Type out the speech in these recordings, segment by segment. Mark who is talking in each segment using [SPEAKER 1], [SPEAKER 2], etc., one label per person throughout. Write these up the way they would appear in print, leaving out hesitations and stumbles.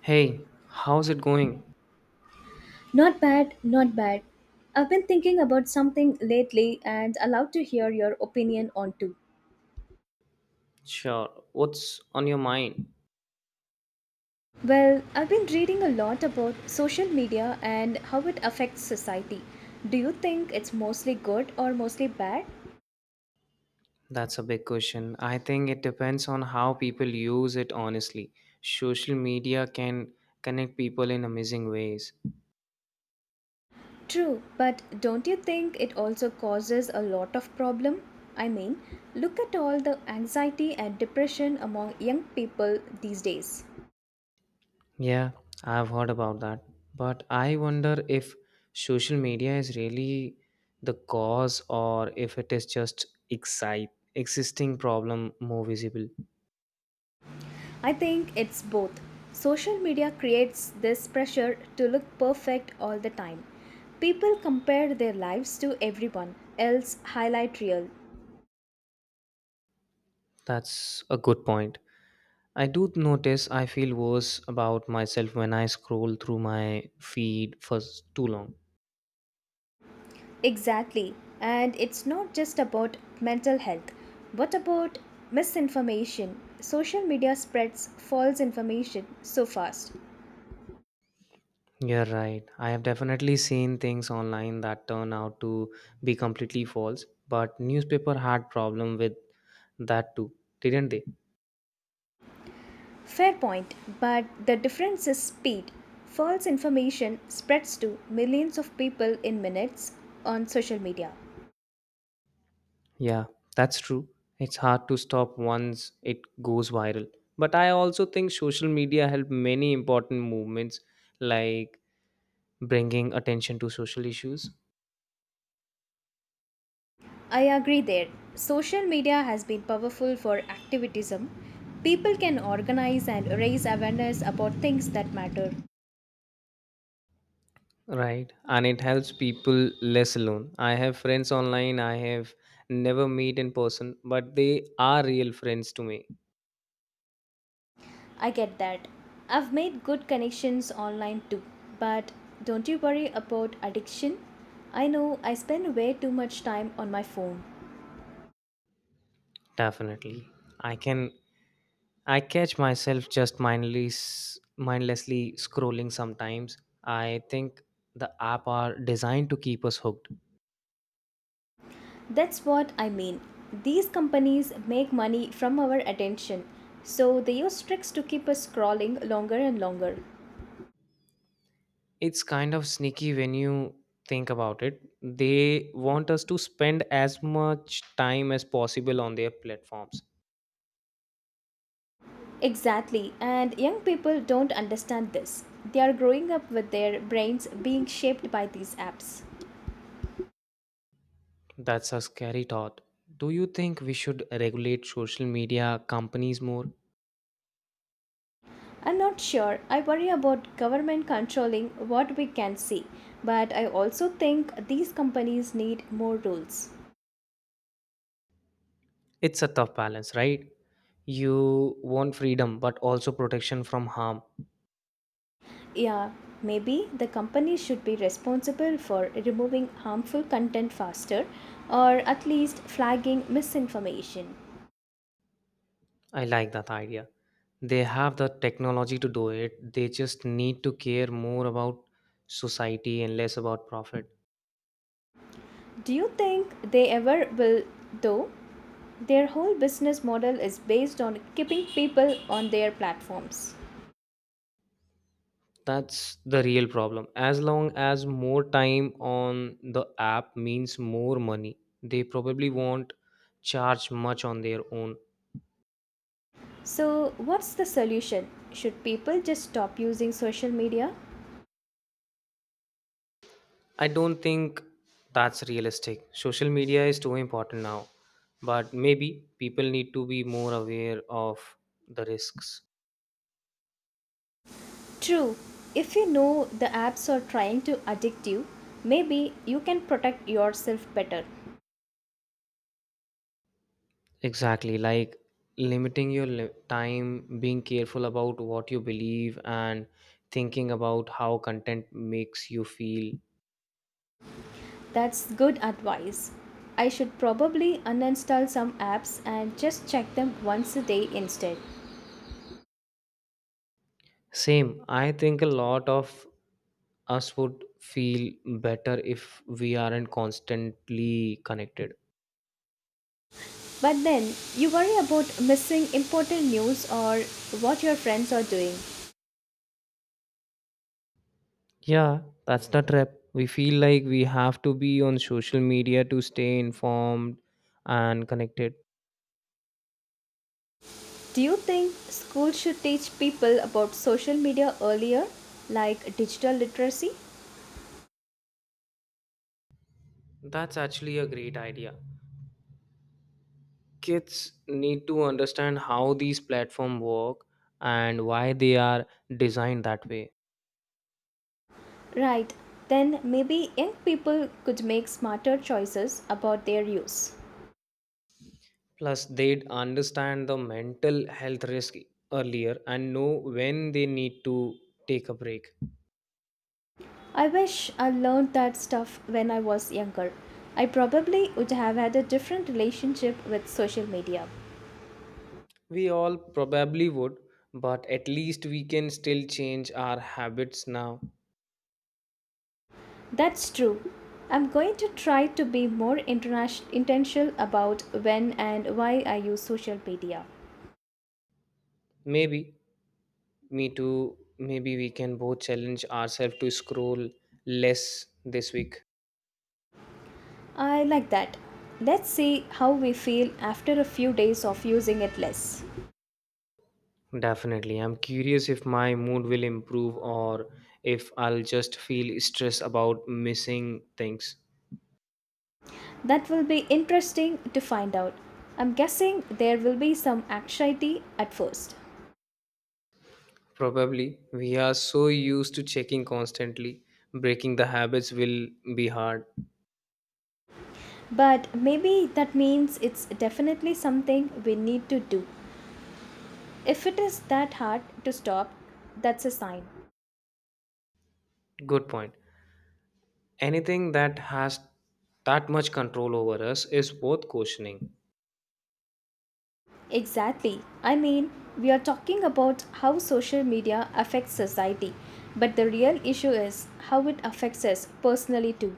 [SPEAKER 1] Hey, how's it going?
[SPEAKER 2] Not bad, not bad. I've been thinking about something lately and allowed to hear your opinion on too.
[SPEAKER 1] Sure. What's on your mind?
[SPEAKER 2] Well, I've been reading a lot about social media and how it affects society. Do you think it's mostly good or mostly bad?
[SPEAKER 1] That's a big question. I think it depends on how people use it, honestly. Social media can connect people in amazing ways.
[SPEAKER 2] True, but don't you think it also causes a lot of problem? I mean, look at all the anxiety and depression among young people these days.
[SPEAKER 1] Yeah, I've heard about that. But I wonder if social media is really the cause or if it is just excite existing problem more visible.
[SPEAKER 2] I think it's both. Social media creates this pressure to look perfect all the time. People compare their lives to everyone else highlight reel.
[SPEAKER 1] That's a good point. I do notice I feel worse about myself when I scroll through my feed too long.
[SPEAKER 2] Exactly. And it's not just about mental health. What about misinformation? Social media spreads false information so fast.
[SPEAKER 1] You're right. I have definitely seen things online that turn out to be completely false, but newspaper had problem with that too, didn't they?
[SPEAKER 2] Fair point, but the difference is speed. False information spreads to millions of people in minutes on social media.
[SPEAKER 1] Yeah, that's true. It's hard to stop once it goes viral. But I also think social media helped many important movements like bringing attention to social issues.
[SPEAKER 2] I agree there. Social media has been powerful for activism. People can organize and raise awareness about things that matter.
[SPEAKER 1] Right, and it helps people less alone. I have friends online I have never meet in person, but they are real friends to me.
[SPEAKER 2] I get that. I've made good connections online too. But don't you worry about addiction? I know I spend way too much time on my phone.
[SPEAKER 1] Definitely, I can I catch myself just mindlessly scrolling sometimes. I think the app are designed to keep us hooked.
[SPEAKER 2] That's what I mean. These companies make money from our attention. So they use tricks to keep us scrolling longer and longer.
[SPEAKER 1] It's kind of sneaky when you think about it. They want us to spend as much time as possible on their platforms.
[SPEAKER 2] Exactly, and young people don't understand this. They are growing up with their brains being shaped by these apps.
[SPEAKER 1] That's a scary thought. Do you think we should regulate social media companies more?
[SPEAKER 2] I'm not sure. I worry about government controlling what we can see, but I also think these companies need more rules.
[SPEAKER 1] It's a tough balance, right? You want freedom but also protection from harm.
[SPEAKER 2] Yeah, maybe the company should be responsible for removing harmful content faster or at least flagging misinformation.
[SPEAKER 1] I like that idea. They have the technology to do it, they just need to care more about society and less about profit.
[SPEAKER 2] Do you think they ever will, though? Their whole business model is based on keeping people on their platforms.
[SPEAKER 1] That's the real problem. As long as more time on the app means more money, they probably won't charge much on their own.
[SPEAKER 2] So, what's the solution? Should people just stop using social media?
[SPEAKER 1] I don't think that's realistic. Social media is too important now, but maybe people need to be more aware of the risks.
[SPEAKER 2] True, if you know the apps are trying to addict you, maybe you can protect yourself better.
[SPEAKER 1] Exactly, like limiting your time, being careful about what you believe, and thinking about how content makes you feel.
[SPEAKER 2] That's good advice. I should probably uninstall some apps and just check them once a day instead.
[SPEAKER 1] Same, I think a lot of us would feel better if we aren't constantly connected.
[SPEAKER 2] But then you worry about missing important news or what your friends are doing.
[SPEAKER 1] Yeah, that's the trap. We feel like we have to be on social media to stay informed and connected.
[SPEAKER 2] Do you think schools should teach people about social media earlier, like digital literacy?
[SPEAKER 1] That's actually a great idea. Kids need to understand how these platforms work and why they are designed that way.
[SPEAKER 2] Right, then maybe young people could make smarter choices about their use.
[SPEAKER 1] Plus, they'd understand the mental health risk earlier and know when they need to take a break.
[SPEAKER 2] I wish I learned that stuff when I was younger. I probably would have had a different relationship with social media.
[SPEAKER 1] We all probably would, but at least we can still change our habits now.
[SPEAKER 2] That's true. I'm going to try to be more intentional about when and why I use social media.
[SPEAKER 1] Maybe Me too. Maybe we can both challenge ourselves to scroll less this week.
[SPEAKER 2] I like that. Let's see how we feel after a few days of using it less.
[SPEAKER 1] Definitely. I'm curious if my mood will improve or if I'll just feel stressed about missing things.
[SPEAKER 2] That will be interesting to find out. I'm guessing there will be some anxiety at first.
[SPEAKER 1] Probably. We are so used to checking constantly. Breaking the habits will be hard.
[SPEAKER 2] But maybe that means it's definitely something we need to do. If it is that hard to stop, that's a sign.
[SPEAKER 1] Good point. Anything that has that much control over us is worth questioning.
[SPEAKER 2] Exactly. We are talking about how social media affects society, but the real issue is how it affects us personally too.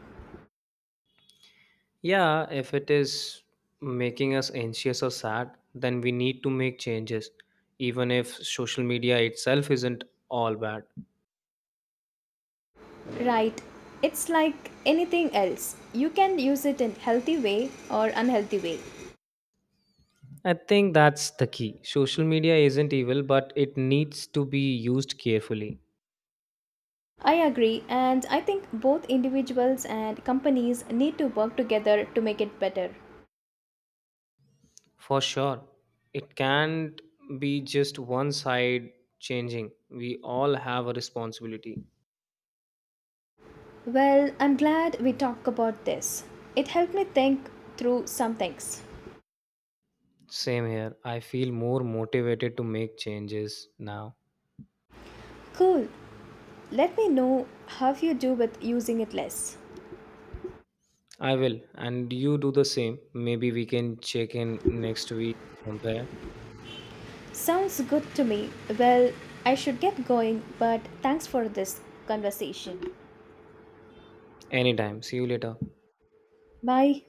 [SPEAKER 1] Yeah, if it is making us anxious or sad, then we need to make changes, even if social media itself isn't all bad.
[SPEAKER 2] Right. It's like anything else. You can use it in healthy way or unhealthy way.
[SPEAKER 1] I think that's the key. Social media isn't evil, but it needs to be used carefully.
[SPEAKER 2] I agree and I think both individuals and companies need to work together to make it better.
[SPEAKER 1] For sure. It can't be just one side changing. We all have a responsibility.
[SPEAKER 2] Well, I'm glad we talked about this. It helped me think through some things.
[SPEAKER 1] Same here. I feel more motivated to make changes now.
[SPEAKER 2] Cool. Let me know how you do with using it less.
[SPEAKER 1] I will, and you do the same. Maybe we can check in next week, compare.
[SPEAKER 2] Sounds good to me. Well, I should get going, but thanks for this conversation.
[SPEAKER 1] Anytime. See you later.
[SPEAKER 2] Bye.